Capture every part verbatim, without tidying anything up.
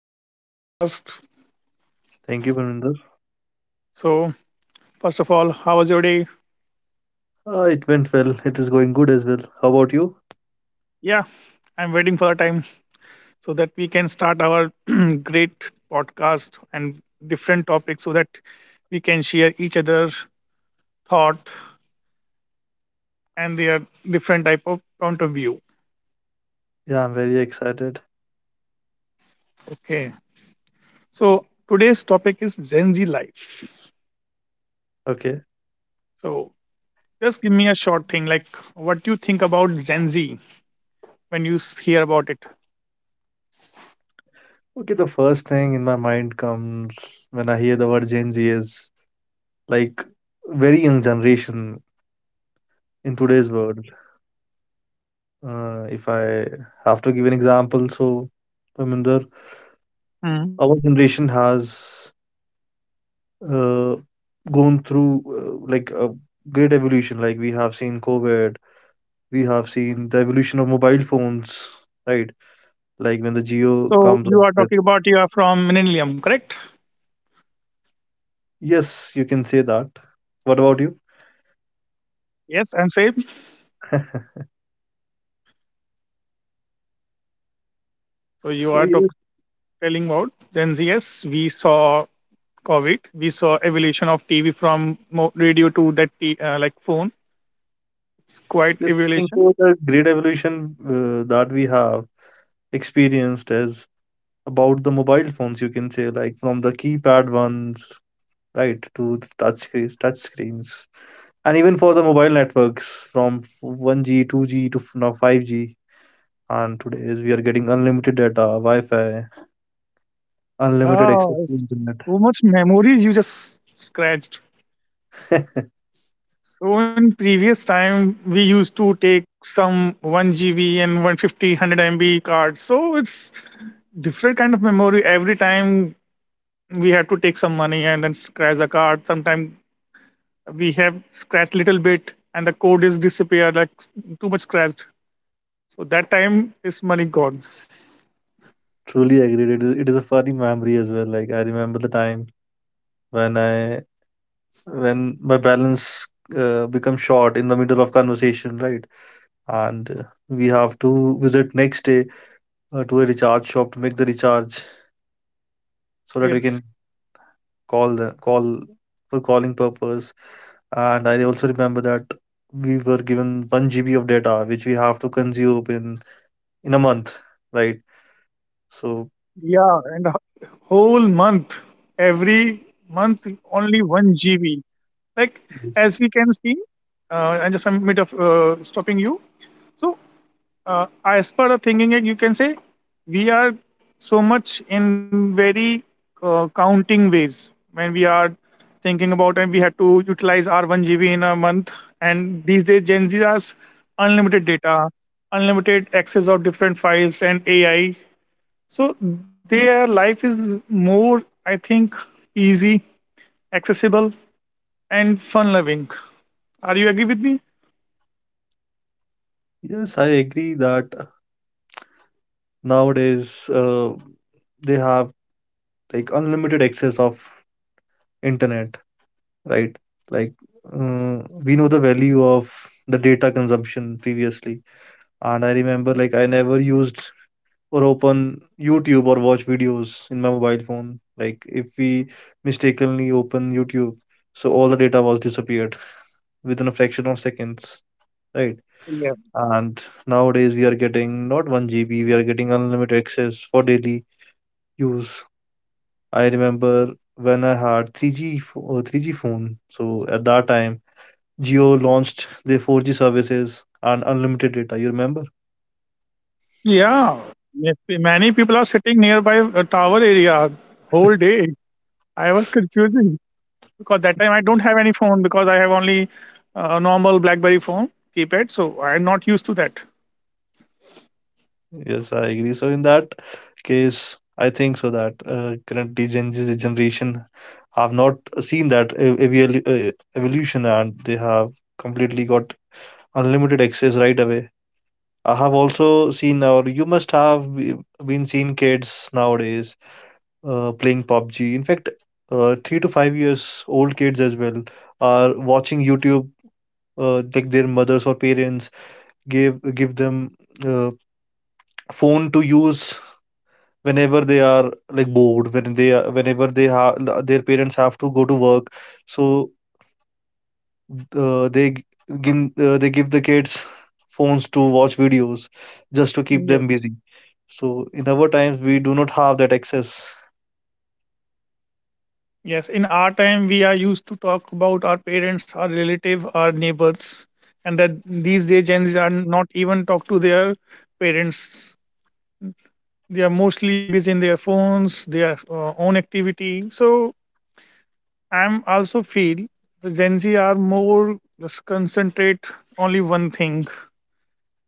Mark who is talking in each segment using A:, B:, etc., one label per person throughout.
A: to the podcast.
B: Thank you, Parminder.
A: So, first of all, how was your day?
B: Uh, it went well. It is going good as well. How about you?
A: Yeah, I'm waiting for the time so that we can start our great podcast and different topics so that we can share each other thought and their different type of point of view.
B: Yeah, I'm very excited.
A: Okay. So, today's topic is Gen Z life.
B: Okay.
A: So, just give me a short thing like what do you think about Gen Z when you s- hear about it?
B: Okay, the first thing in my mind comes when I hear the word Gen Z is like very young generation in today's world. Uh, if I have to give an example, so Parminder,
A: Hmm.
B: our generation has uh, gone through uh, like a great evolution. Like we have seen COVID, we have seen the evolution of mobile phones, right? Like when the geo
A: So
B: comes
A: you
B: up
A: are
B: with.
A: talking about you are from Millennium, correct?
B: Yes, you can say that. What about you?
A: Yes, I'm same. So you are
B: So
A: talk-
B: yes,
A: telling about Gen Z. Yes, we saw COVID. We saw evolution of T V from mo- radio to that t- uh, like phone. It's quite
B: just looking
A: evolution.
B: for the great evolution uh, that we have experienced is about the mobile phones. You can say, like, from the keypad ones, right, to the touch screens, touch screens, and even for the mobile networks from f- one G, two G to f- now five G. And today is we are getting unlimited data, Wi-Fi, unlimited
A: Yeah,
B: access to
A: it's
B: internet.
A: so much memories you just scratched. So in previous time, we used to take some one G B and one hundred fifty M B cards. So it's different kind of memory every time we have to take some money and then scratch the card. Sometimes we have scratched little bit and the code is disappeared, like too much scratched. So that time is money gone.
B: Truly agreed. It is, it is a funny memory as well. Like I remember the time when I when my balance uh, becomes short in the middle of conversation, right? And uh, we have to visit next day uh, to a recharge shop to make the recharge so that we can
A: Yes.
B: call the call for calling purpose. And I also remember that we were given one G B of data which we have to consume in in a month, right? So
A: Yeah, and a whole month, every month only one G B. Like as we
B: yes,
A: can see, uh, and just I'm mid of uh, stopping you. So uh, as per the thinking, you can say we are so much in very, uh, counting ways when we are thinking about, and we have to utilize our one g b in a month. And these days Gen Z has unlimited data, unlimited access of different files and AI. So their life is more, I think, easy, accessible, and fun loving. Are you agree with me?
B: yes, I agree that nowadays uh, they have, like, unlimited access of internet, right? Like uh, we know the value of the data consumption previously, and I remember, like, I never used or open YouTube or watch videos in my mobile phone. Like if we mistakenly open YouTube, so all the data was disappeared within a fraction of seconds, right? And nowadays we are getting not one G B, we are getting unlimited access for daily use. I remember when I had three G pho- uh, three G phone. So at that time, Jio launched their four G services and unlimited data. You remember?
A: Yeah, ma- many people are sitting nearby a tower area whole day. I was confusing because that time I don't have any phone, because I have only a normal BlackBerry phone keypad, so I'm not used to that.
B: Yes, I agree. So in that case, I think so that uh, currently Gen Z generation have not seen that ev- evalu- uh, evolution, and they have completely got unlimited access right away. I have also seen, or you must have be- been seen kids nowadays uh, playing pub G. In fact, uh, three to five years old kids as well are watching YouTube. Uh, like their mothers or parents give give them uh, phone to use whenever they are, like, bored. When they are, whenever they have, their parents have to go to work, so uh, they g- gin- uh, they give the kids phones to watch videos just to keep
A: Yes,
B: them busy. So in our times, we do not have that access.
A: yes. In our time, we are used to talk about our parents, our relative, our neighbors, and that these day Gen Z are not even talk to their parents. They are mostly busy in their phones, their, uh, own activity. So I'm also feel the Gen Z are more just concentrate only one thing,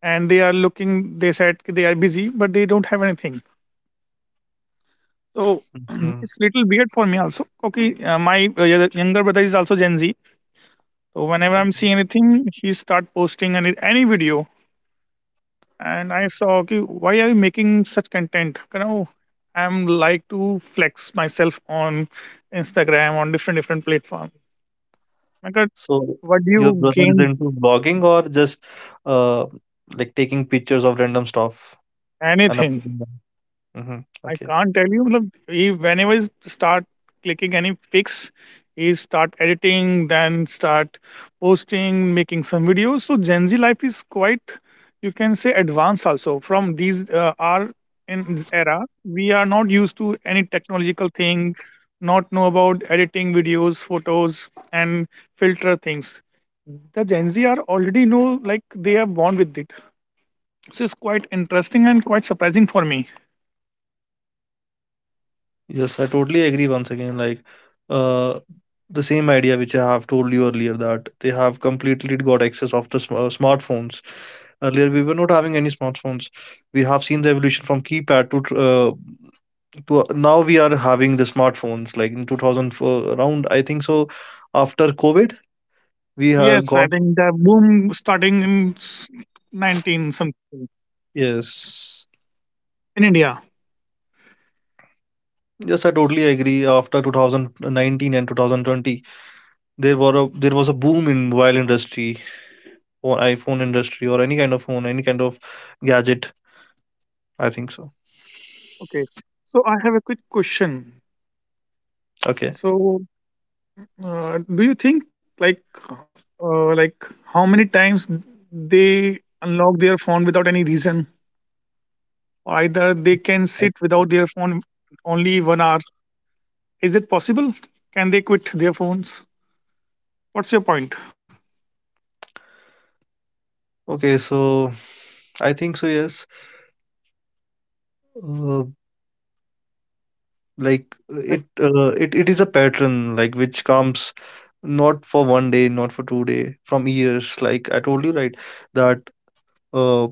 A: and they are looking. They said they are busy, but they don't have anything. So
B: Mm-hmm.
A: it's little weird for me also. Okay, uh, my, uh, yeah, the younger brother is also Gen Z. So whenever I'm seeing anything, he start posting any any video, and I saw okay, why are you making such content? You know, I'm like to flex myself on Instagram on different different platform. My God,
B: So
A: what do
B: your
A: you
B: brother is
A: gain
B: into vlogging, or just uh like taking pictures of random stuff and
A: anything?
B: uploading them? Hmm.
A: I
B: Okay.
A: can't tell you. मतलब he whenever he start clicking any pics, he start editing, then start posting, making some videos. So Gen Z life is quite, you can say, advanced also. From these, uh, our in this era, we are not used to any technological thing, not know about editing videos, photos, and filter things. The Gen Z are already know like they are born with it. So it's quite interesting and quite surprising for me.
B: Yes, I totally agree once again. Like uh the same idea which I have told you earlier, that they have completely got access of the sm uh, smartphones. Earlier we were not having any smartphones. We have seen the evolution from keypad to tr- uh, to uh, now we are having the smartphones, like in two thousand four around, I think so. After COVID we
A: Yes,
B: have
A: I
B: got,
A: think the boom starting in s- nineteen something
B: yes.
A: in India.
B: Yes, I totally agree. After two thousand nineteen and two thousand twenty, there were a there was a boom in mobile industry, or iPhone industry, or any kind of phone, any kind of gadget. I think so.
A: Okay. So I have a quick question.
B: Okay.
A: So uh, do you think, like, uh, uh, like, how many times they unlock their phone without any reason, or either they can
B: I,
A: sit without their phone only 1 hour? Is it possible? Can they quit their phones? What's your point?
B: okay. So I think so. Yes. Uh, like, uh, it, uh, it it is a pattern, like, which comes not for one day, not for two day, from years. Like I told you, right? That uh,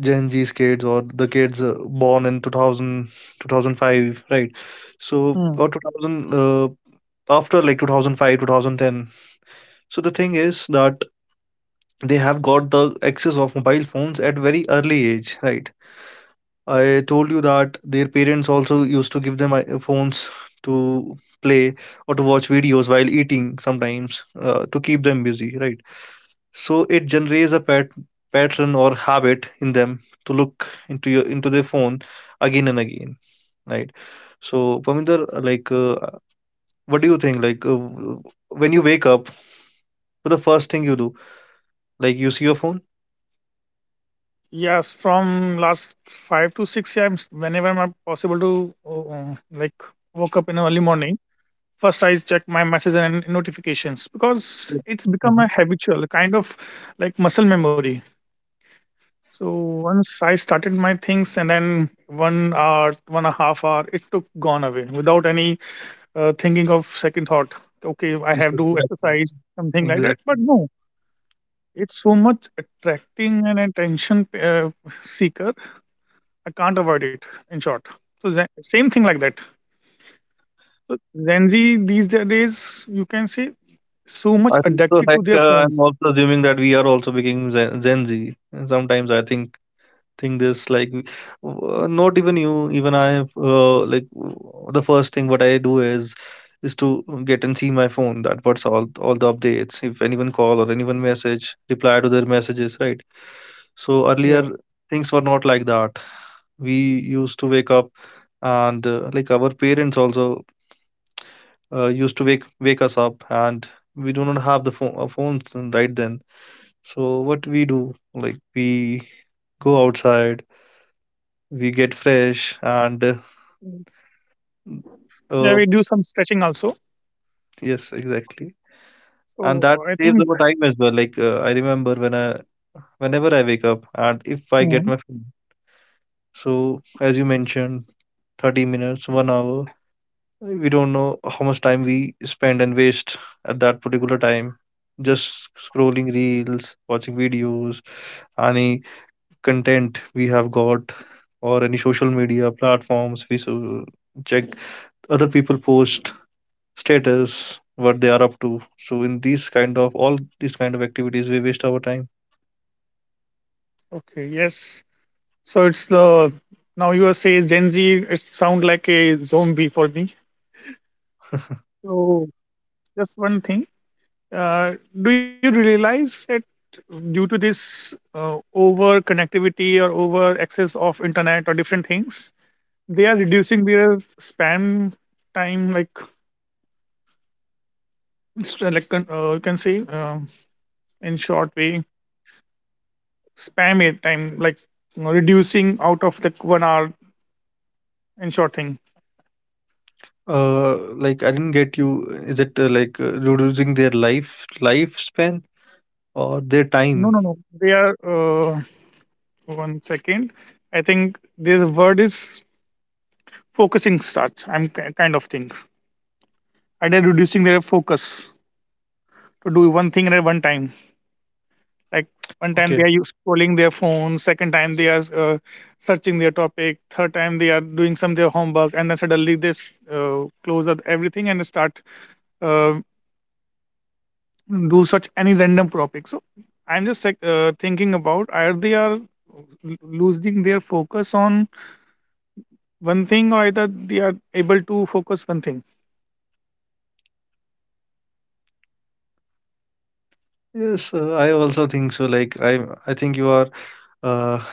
B: Gen Z's kids, or the kids uh, born in two thousand two thousand five, right? So,
A: Like
B: or two thousand, uh, after like two thousand five, two thousand ten. So the thing is that they have got the access of mobile phones at very early age, right? I told you that their parents also used to give them i- phones to play or to watch videos while eating sometimes uh, to keep them busy, right? So it generates a pat- pattern or habit in them to look into your into their phone again and again, right? So Paminder, like, uh, what do you think? Like, uh, w- when you wake up, what the first thing you do? Like, you see your phone?
A: Yes, from last five to six times, whenever I'm possible to, uh, uh, like, woke up in early morning, first I check my messages and notifications because
B: Yes,
A: it's become
B: mhm.
A: a habitual kind of like muscle memory. So once I started my things, and then one hour, one and a half hour, it took gone away without any, uh, thinking of second thought. Okay, I
B: Yes,
A: have to
B: exactly.
A: exercise something like that,
B: Exactly.
A: but no, it's so much attracting and attention, uh, seekers, I can't avoid it. In short, so Zen- same thing like that. So Gen Z these da- days, you can say, so much
B: I think so.
A: addicted to
B: Like uh,
A: their
B: I'm
A: phones.
B: also assuming that we are also becoming Gen, Gen Z. And sometimes I think think this, like, w- uh, not even you, even I. Uh, like, w- the first thing what I do is is to get and see my phone, that what's all all the updates. If anyone call or anyone message, reply to their messages, right? So earlier
A: Yeah.
B: things were not like that. We used to wake up, and uh, like, our parents also uh, used to wake wake us up, and we do not have the phone uh, phones and right then. So what we do, like, we go outside, we get fresh, and uh,
A: Mm. Yeah.
B: uh,
A: We do some stretching also.
B: yes, exactly. And
A: So
B: that
A: I
B: saves
A: think.
B: our time as well. Like uh, I remember when I whenever I wake up and if I get
A: Mm.
B: my phone, so as you mentioned, thirty minutes, one hour, we don't know how much time we spend and waste at that particular time, just scrolling reels, watching videos, any content we have got, or any social media platforms we so check other people post status, what they are up to. So in these kind of all these kind of activities, we waste our time.
A: Okay. Yes. So it's the now you are say Gen Z. It sound like a zombie for me. So just one thing. Uh, do you realize that due to this, uh, over connectivity or over access of internet or different things, they are reducing their spam time, like it's like, con- uh, you can say, um in short way, spam it time, like, you know, reducing out of the one hour in short thing.
B: uh like, I didn't get you. Is it uh, like uh, reducing their life lifespan or their
A: No,
B: time?
A: no, no, they are, uh, one second, I think this word is focusing start, I'm ki- kind of thing, and they're reducing their focus to do one thing at one time. Like, one time they
B: Okay.
A: are you scrolling their phone, second time they are, uh, searching their topic, third time they are doing some their homework, and then suddenly they s- uh, close up everything and start, uh, do such any random topic. So I'm just, like, uh, thinking about, are they are l- losing their focus on one thing, or either they are able to focus one thing,
B: Yes, uh, I also think so. Like I, I think you are. Uh,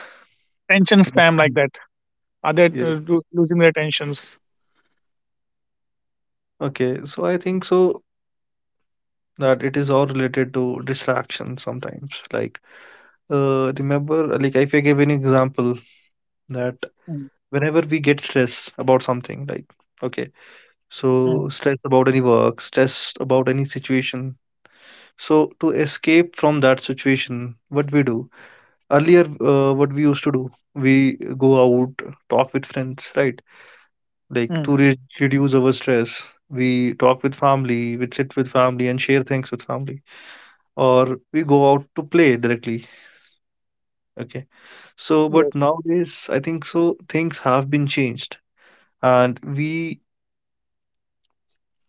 A: attention spam like
B: connecting-
A: that. Are they,
B: yeah.
A: uh, lo- losing their attentions?
B: Okay, so I think so that it is all related to distraction sometimes. Like, uh, remember, like if I give an example, that
A: Mm,
B: whenever we get stress about something, like, okay, so
A: mm,
B: stress about any work, stress about any situation. So to escape from that situation, what we do earlier, uh, what we used to do, we go out, talk with friends, right? Like to
A: mm.
B: re- reduce our stress, we talk with family, we sit with family and share things with family, or we go out to play directly. Okay. So but
A: Yes.
B: nowadays I think so things have been changed, and we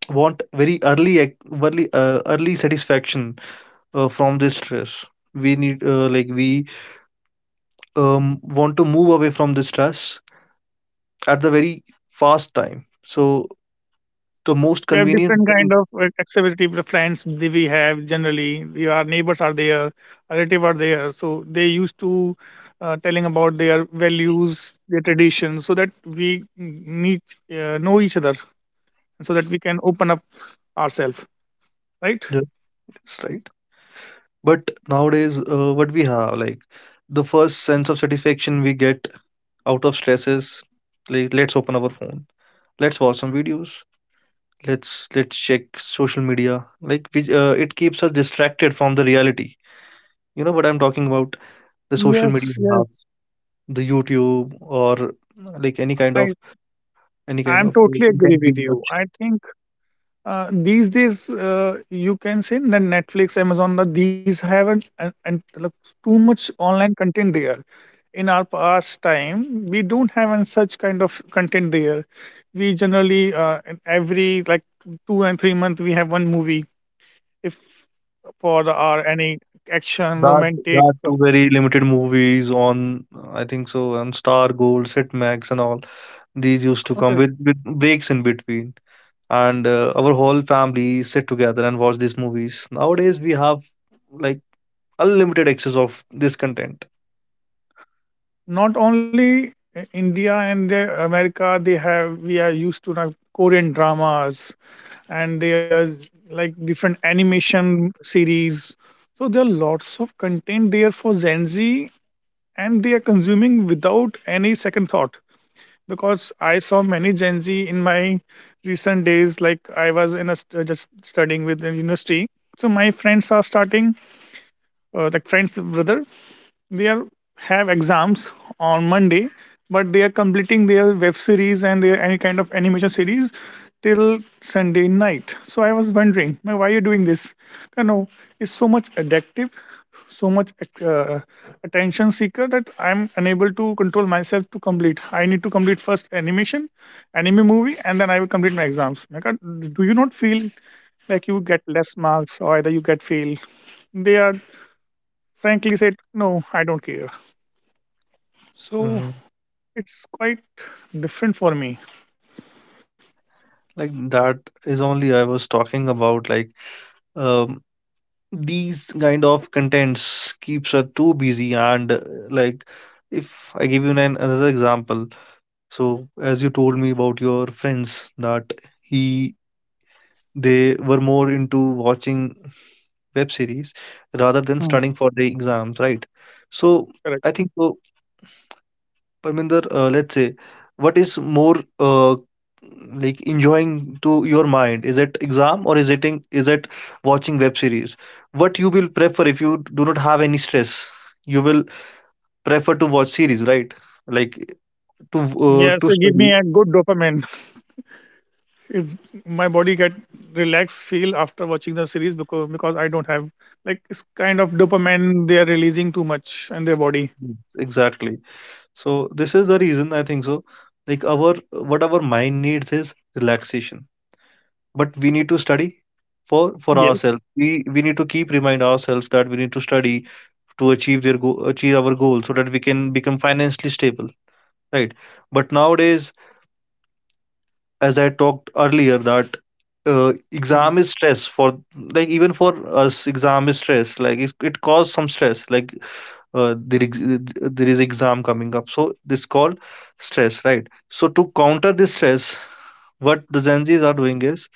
B: want very early ac- early uh, early satisfaction uh, from this stress. We need, uh, like, we um, want to move away from the stress at the very fast time. So the most
A: We have
B: convenient
A: different
B: thing.
A: kind of, uh, activity. with The friends that we have generally, we, our neighbors are there, relative are there. So they used to, uh, telling about their values, their traditions, so that we need, uh, know each other, so that we can open up ourselves. Right?
B: Yeah, that's right. But nowadays, uh, what we have, like, the first sense of satisfaction we get out of stress is, like, let's open our phone, let's watch some videos, let's let's check social media, like, which, uh, it keeps us distracted from the reality. You know what I'm talking about? The social
A: Yes.
B: media, app,
A: Yes.
B: the YouTube, or uh, like any
A: I
B: kind of any
A: I'm
B: kind of
A: totally
B: uh,
A: agree
B: content
A: with
B: we
A: you.
B: watch.
A: I think, uh, these days, uh, you can say that Netflix, Amazon, that these have an, an, an, like, too much online content there. In our past time we don't have an such kind of content there. We generally, uh, in every, like, two and three month we have one movie, if for the, our any action
B: That
A: romantic,
B: that
A: uh,
B: two very limited movies on, I think so, on Star Gold, Sit Max, and all these used to come
A: content.
B: with, with breaks in between. And uh, our whole family sit together and watch these movies. Nowadays, we have, like, unlimited access of this content.
A: Not only i- India and the America they have, we are used to now Korean dramas and there's, like, different animation series. So there are lots of content there for Gen Z and they are consuming without any second thought, because I saw many Gen Z in my recent days. Like I was in a st- just studying with the university, so my friends are starting, uh, like, friends brother they are have exams on Monday, but they are completing their web series and their any kind of animation series till Sunday night. So I was wondering, "Man, why are you doing this? You know, it's so much addictive, so much, uh, attention seeker that I'm unable to control myself to complete. I need to complete first animation, anime movie, and then I will complete my exams. My God, do you not feel like you get less marks or either you get fail?" They are frankly said, no, I don't care. So
B: Hmm.
A: it's quite different for me.
B: Like that is only I was talking about. Like um, these kind of contents keeps us too busy, and uh, like if I give you an another example. So, as you told me about your friends, that he they were more into watching web series rather than
A: Hmm.
B: studying for the exams, right? So,
A: Correct.
B: I think so, Parminder, uh, let's say, what is more uh, like enjoying to your mind? Is it exam or is it in, is it watching web series? What you will prefer if you do not have any stress? You will prefer to watch series, right? Like to uh,
A: Yes,
B: to
A: it give
B: study.
A: me a good dopamine. It's my body get relaxed feel after watching the series, because because I don't have, like, it's kind of dopamine they are releasing too much in their body.
B: Yes, exactly. So this is the reason I think so. Like our what our mind needs is relaxation, but we need to study for for ourselves.
A: Yes.
B: We we need to keep remind ourselves that we need to study to achieve their go- achieve our goal so that we can become financially stable, right? But nowadays, as I talked earlier, that uh, exam
A: Mm.
B: is stress for like even for us exam is stress like it, it causes some stress like uh, there, ex- uh, there is exam coming up, so this called stress, right? So to counter this stress, what the gen z's are doing is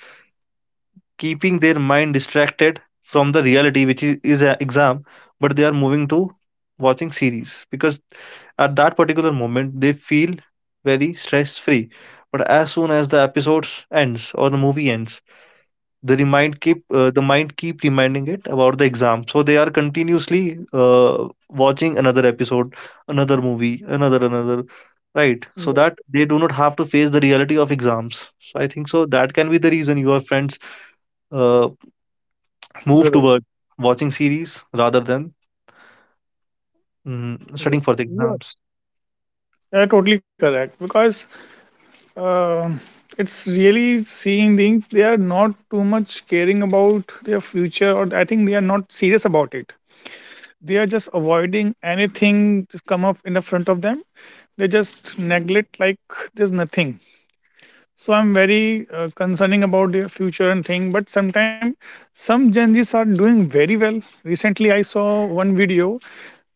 B: keeping their mind distracted from the reality, which is, is an exam, but they are moving to watching series because at that particular moment they feel very stress free. But as soon as the episodes ends or the movie ends, the remind keep uh, the mind keep reminding it about the exam, so they are continuously uh, watching another episode, another movie, another another Right, so
A: Yeah,
B: that they do not have to face the reality of exams. So I think so, that can be the reason your friends uh, move
A: brother.
B: toward watching series rather than mm, studying for the
A: Yes. You are
B: exams.
A: you are totally correct, because um it's really seeing things they are not too much caring about their future, or I think they are not serious about it. They are just avoiding anything just come up in the front of them, they just neglect, like, there's nothing. So I'm very, uh, concerning about their future and thing. But sometimes some Gen Z's are doing very well. Recently I saw one video,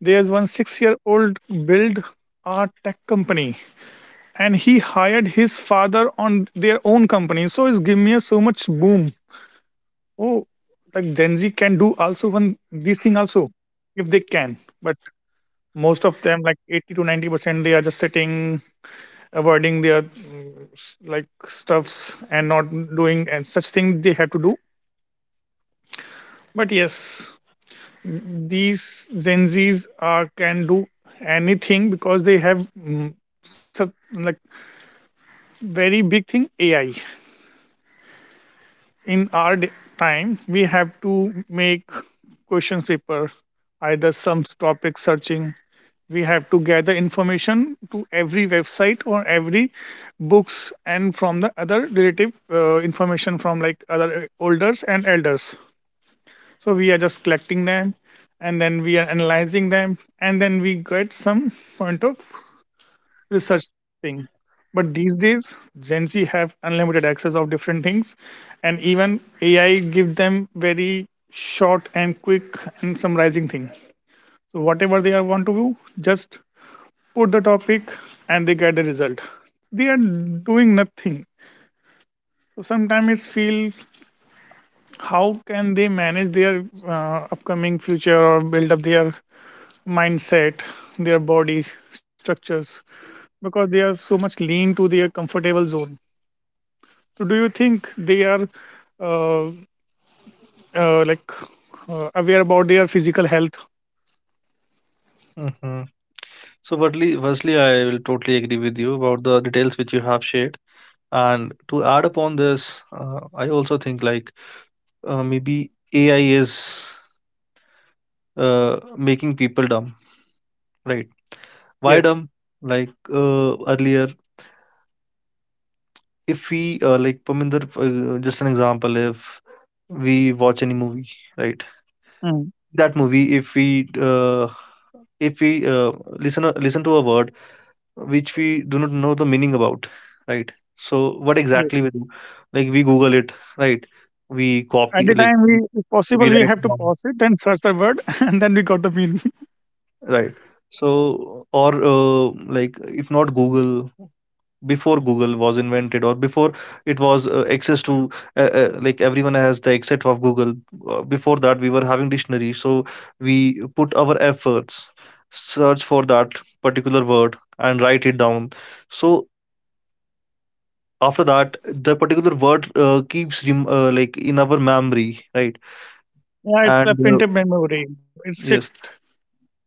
A: there's one six year old build a tech company, and he hired his father on their own company, so it's giving me a so much boom. Oh, like Gen Z can do also one these thing also if they can. But most of them, like eighty to ninety percent, they are just sitting, avoiding their mm, s- like stuffs and not doing and such thing they have to do. But yes, these Gen Zs are can do anything because they have, mm, some, like, very big thing A I. In our d- time we have to make questions paper, either some topic searching, we have to gather information to every website or every books, and from the other relative, uh, information from, like, other elders and elders. So we are just collecting them and then we are analyzing them and then we get some point of research thing. But these days, Gen Z have unlimited access of different things, and even A I give them very short and quick and summarizing thing. So whatever they are want to do, just put the topic and they get the result. They are doing nothing. So sometimes it's feel how can they manage their uh, upcoming future or build up their mindset, their body structures because they are so much lean to their comfortable zone. So do you think they are uh, uh, like uh, aware about their physical health?
B: Hmm. So firstly, firstly I will totally agree with you about the details which you have shared, and to add upon this, uh, I also think like uh, maybe A I is uh, making people dumb, right? Why
A: Yes.
B: dumb? Like uh, earlier, if we uh, like Paminder, uh, just an example, if we watch any movie, right?
A: Mm.
B: That movie, if we uh, if we uh, listen listen to a word which we do not know the meaning about, right? So what
A: Yes.
B: exactly we do? Like we Google it, right? We
A: At
B: copy,
A: the
B: like
A: time, we, if
B: we
A: possible, we
B: write.
A: have to
B: Down.
A: pause it and search the word, and then we got the meaning.
B: Right. So, or uh, like if not Google, before Google was invented, or before it was uh, access to uh, uh, like everyone has the access of Google. Uh, before that, we were having dictionary, so we put our efforts, search for that particular word, and write it down. So after that, the particular word uh, keeps rem- uh, like in our memory, right?
A: Yeah, it's a
B: And
A: printed
B: uh,
A: memory. It's fixed.
B: yes,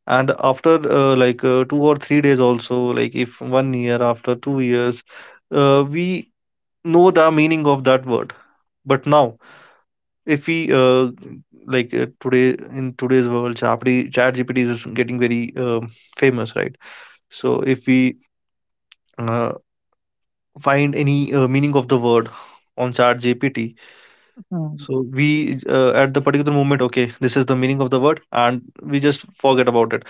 B: and after uh, like uh, two or three days also, like if one year, after two years, uh, we know the meaning of that word. But now if we uh, like uh, today, in today's world, ChatGPT ChatGPT is getting very um famous, right? So if we uh, find any uh, meaning of the word on ChatGPT,
A: Mm.
B: so we uh, at the particular moment, okay, this is the meaning of the word, and we just forget about it.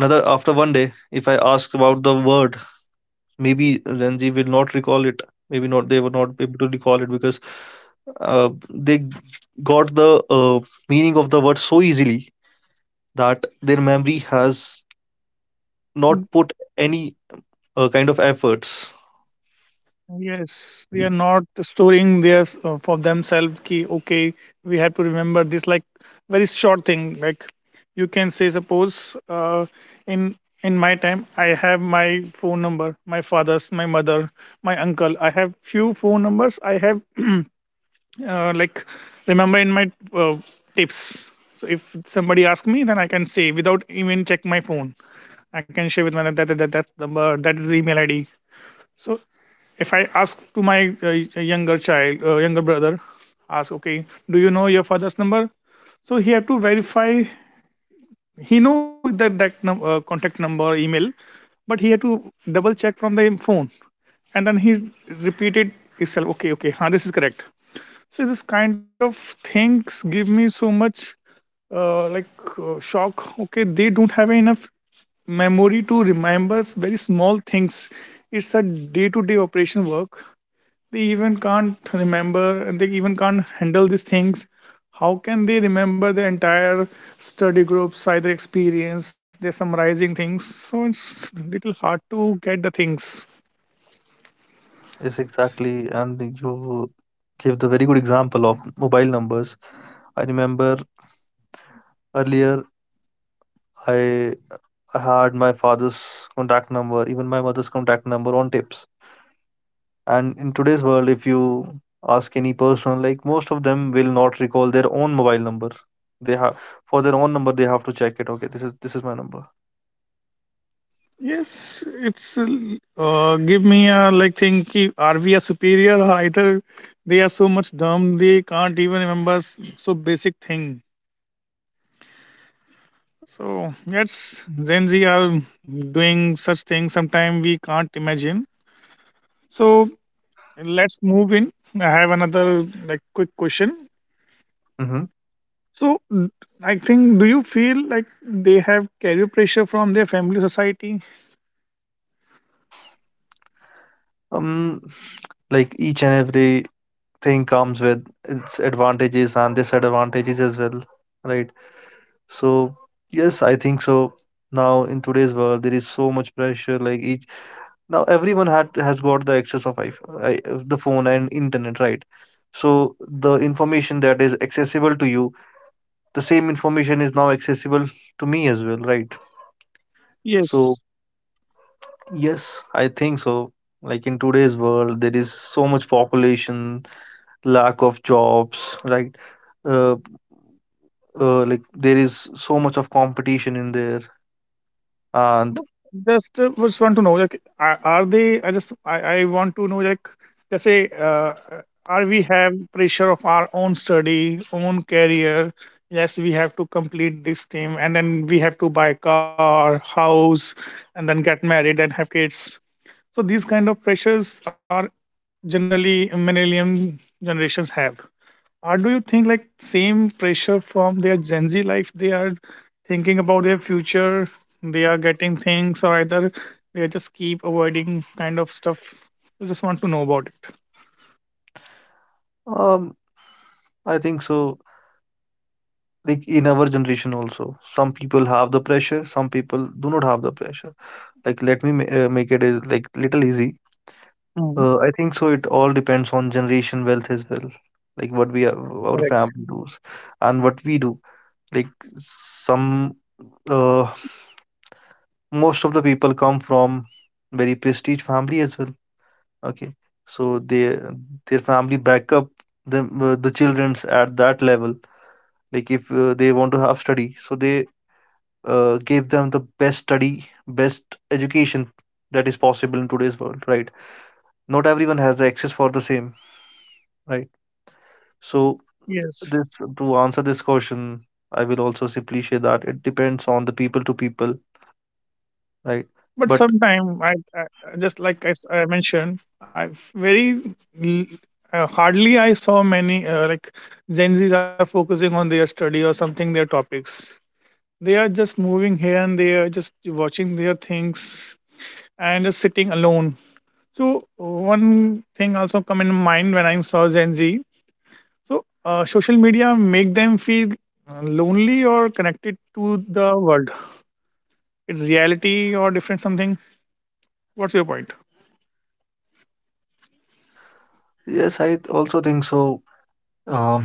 B: Another, after one day, if I ask about the word, maybe Gen Z will not recall it. Maybe not, they were not able to recall it because uh, they g- got the uh, meaning of the word so easily that their memory has not put any uh, kind of efforts.
A: Yes, they are not storing their s- uh, for themselves. Ki okay, we have to remember this. Like very short thing. Like you can say, suppose uh, in in my time, I have my phone number, my father's, my mother, my uncle. I have few phone numbers. I have uh, like remember in my uh, tips. So if somebody asks me, then I can say without even check my phone. I can share with my that that that, that number, that is the email I D. So if I ask to my uh, younger child, uh, younger brother, ask, okay, do you know your father's number? So he had to verify. He know that that num- uh, contact number, email, but he had to double check from the phone, and then he repeated itself. Okay, okay, huh, this is correct. So this kind of things give me so much uh, like uh, shock. Okay, they don't have enough memory to remember s- very small things. It's a day-to-day operation work they even can't remember and they even can't handle these things. How can they remember the entire study groups, either experience, they're summarizing things. So it's little hard to get the things.
B: Yes, exactly. And you gave the very good example of mobile numbers. I remember earlier I had my father's contact number, even my mother's contact number on tapes. And in today's world, if you ask any person, like most of them will not recall their own mobile number. They have for their own number, they have to check it. Okay, this is this is my number.
A: Yes, it's uh, uh, give me a like thing ki, are we a superior or either they are so much dumb they can't even remember s- so basic thing. So yes, Gen Z are doing such things. Sometimes we can't imagine. So and let's move in. I have another like quick question.
B: Hmm.
A: So n- I think do you feel like they have career pressure from their family society?
B: Um, like each and every thing comes with its advantages and disadvantages as well, right? So yes, I think so. Now in today's world, there is so much pressure. Like each, now everyone had has got the access of I, I, the phone and internet, right? So the information that is accessible to you, the same information is now accessible to me as well, right? So
A: Yes.
B: yes, I think so. Like in today's world there is so much population, lack of jobs, right? uh, uh, like there is so much of competition in there. And
A: But just uh, just want to know like are, are they? I just I, I want to know like let's say uh, are we have pressure of our own study, own career? Yes, we have to complete this thing, and then we have to buy car, house, and then get married, then have kids. So these kind of pressures are generally millennium generations have. Or do you think like same pressure from their Gen Z life? They are thinking about their future. They are getting things, or either they just keep avoiding kind of stuff. I just want to know about it.
B: um, I think so, like in our generation also, some people have the pressure, some people do not have the pressure. Like let me ma- uh, make it is- like little easy.
A: Mm.
B: Uh, I think so it all depends on generation wealth as well, like what we are, our
A: Correct.
B: family does, and what we do. Like some, uh, most of the people come from very prestige family as well, okay? So they, their family back up the uh, the children's at that level. Like if uh, they want to have study, so they uh, gave them the best study, best education that is possible in today's world, right? Not everyone has the access for the same, right? So this,
A: Yes.
B: to answer this question, I will also simply say that it depends on the people to people, right?
A: But
B: But
A: sometime I, I I- just like I, s- I mentioned I very l- uh, hardly I saw many uh, like Gen Z's are focusing on their study or something their topics. They are just moving here and there, just watching their things and just sitting alone. So one thing also come in mind when I saw Gen Z. So uh, social media make them feel uh, lonely or connected to the world. It's reality or different something. What's your point?
B: yes, I also think so. Um,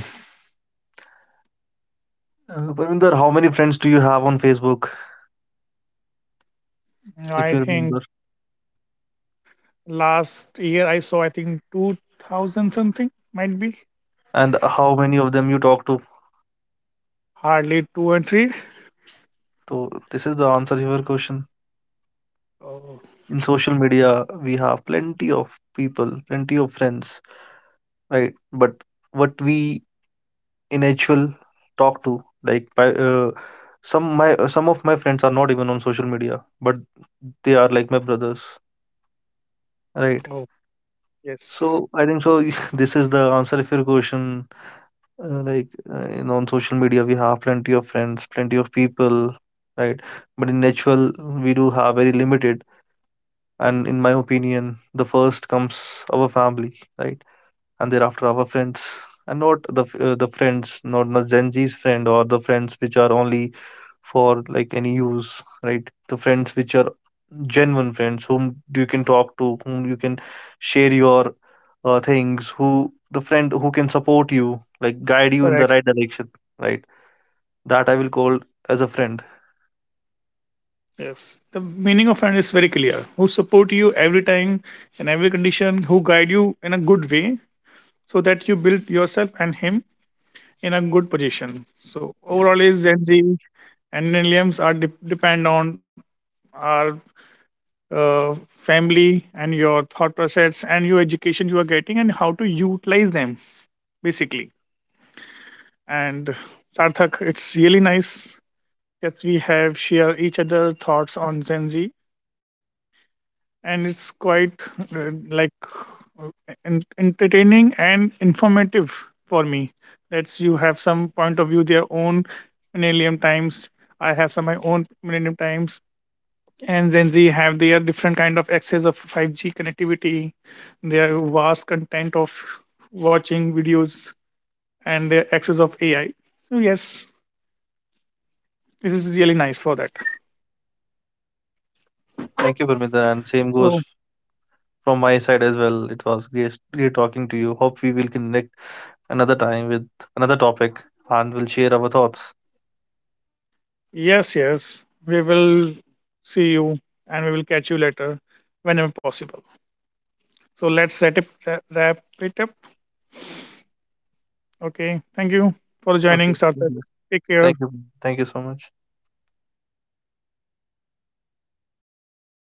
B: uh, Parminder, how many friends do you have on Facebook, if
A: I
B: you remember,
A: think last year I saw I think two thousand something might be
B: and how many of them you talk to?
A: hardly two and three.
B: So this is the answer to your question.
A: Oh,
B: In social media, we have plenty of people, plenty of friends. Right, but what we in actual talk to, like by uh, some my uh, some of my friends are not even on social media, but they are like my brothers, right?
A: oh yes,
B: So I think so. This is the answer if your question. Uh, like uh, in on social media, we have plenty of friends, plenty of people, right? But in actual, we do have very limited. And in my opinion, the first comes our family, right? And thereafter our friends, and not the f- uh, the friends, not the gen z's friend or the friends which are only for like any use, right? The friends which are genuine friends, whom you can talk to, whom you can share your uh, things, who, the friend who can support you, like guide you in the
A: correct.
B: right direction, right? That I will call as a friend.
A: Yes, the meaning of friend is very clear. Who support you every time in every condition, who guide you in a good way, so that you build yourself and him in a good position. So overall,
B: Yes,
A: is Gen Z and millennials are de- depend on our uh, family and your thought process and your education you are getting and how to utilize them basically. And Sarthak, it's really nice that we have share each other thoughts on Gen Z, and it's quite uh, like uh, en- entertaining and informative for me. That's you have some point of view, their own millennium times. I have some my own millennium times, and then they have their different kind of access of five G connectivity, their vast content of watching videos, and their access of A I. So yes, this is really nice for that.
B: thank you, Parmita, and same goes
A: So,
B: from my side as well. It was great, great talking to you. Hope we will connect another time with another topic, and we'll share our thoughts.
A: yes, yes, we will see you and we will catch you later whenever possible. So, let's set it, wrap it up. Okay. Thank you for joining,
B: Okay. Thank
A: Sarthak.
B: you.
A: Take care.
B: Thank you. Thank you so much.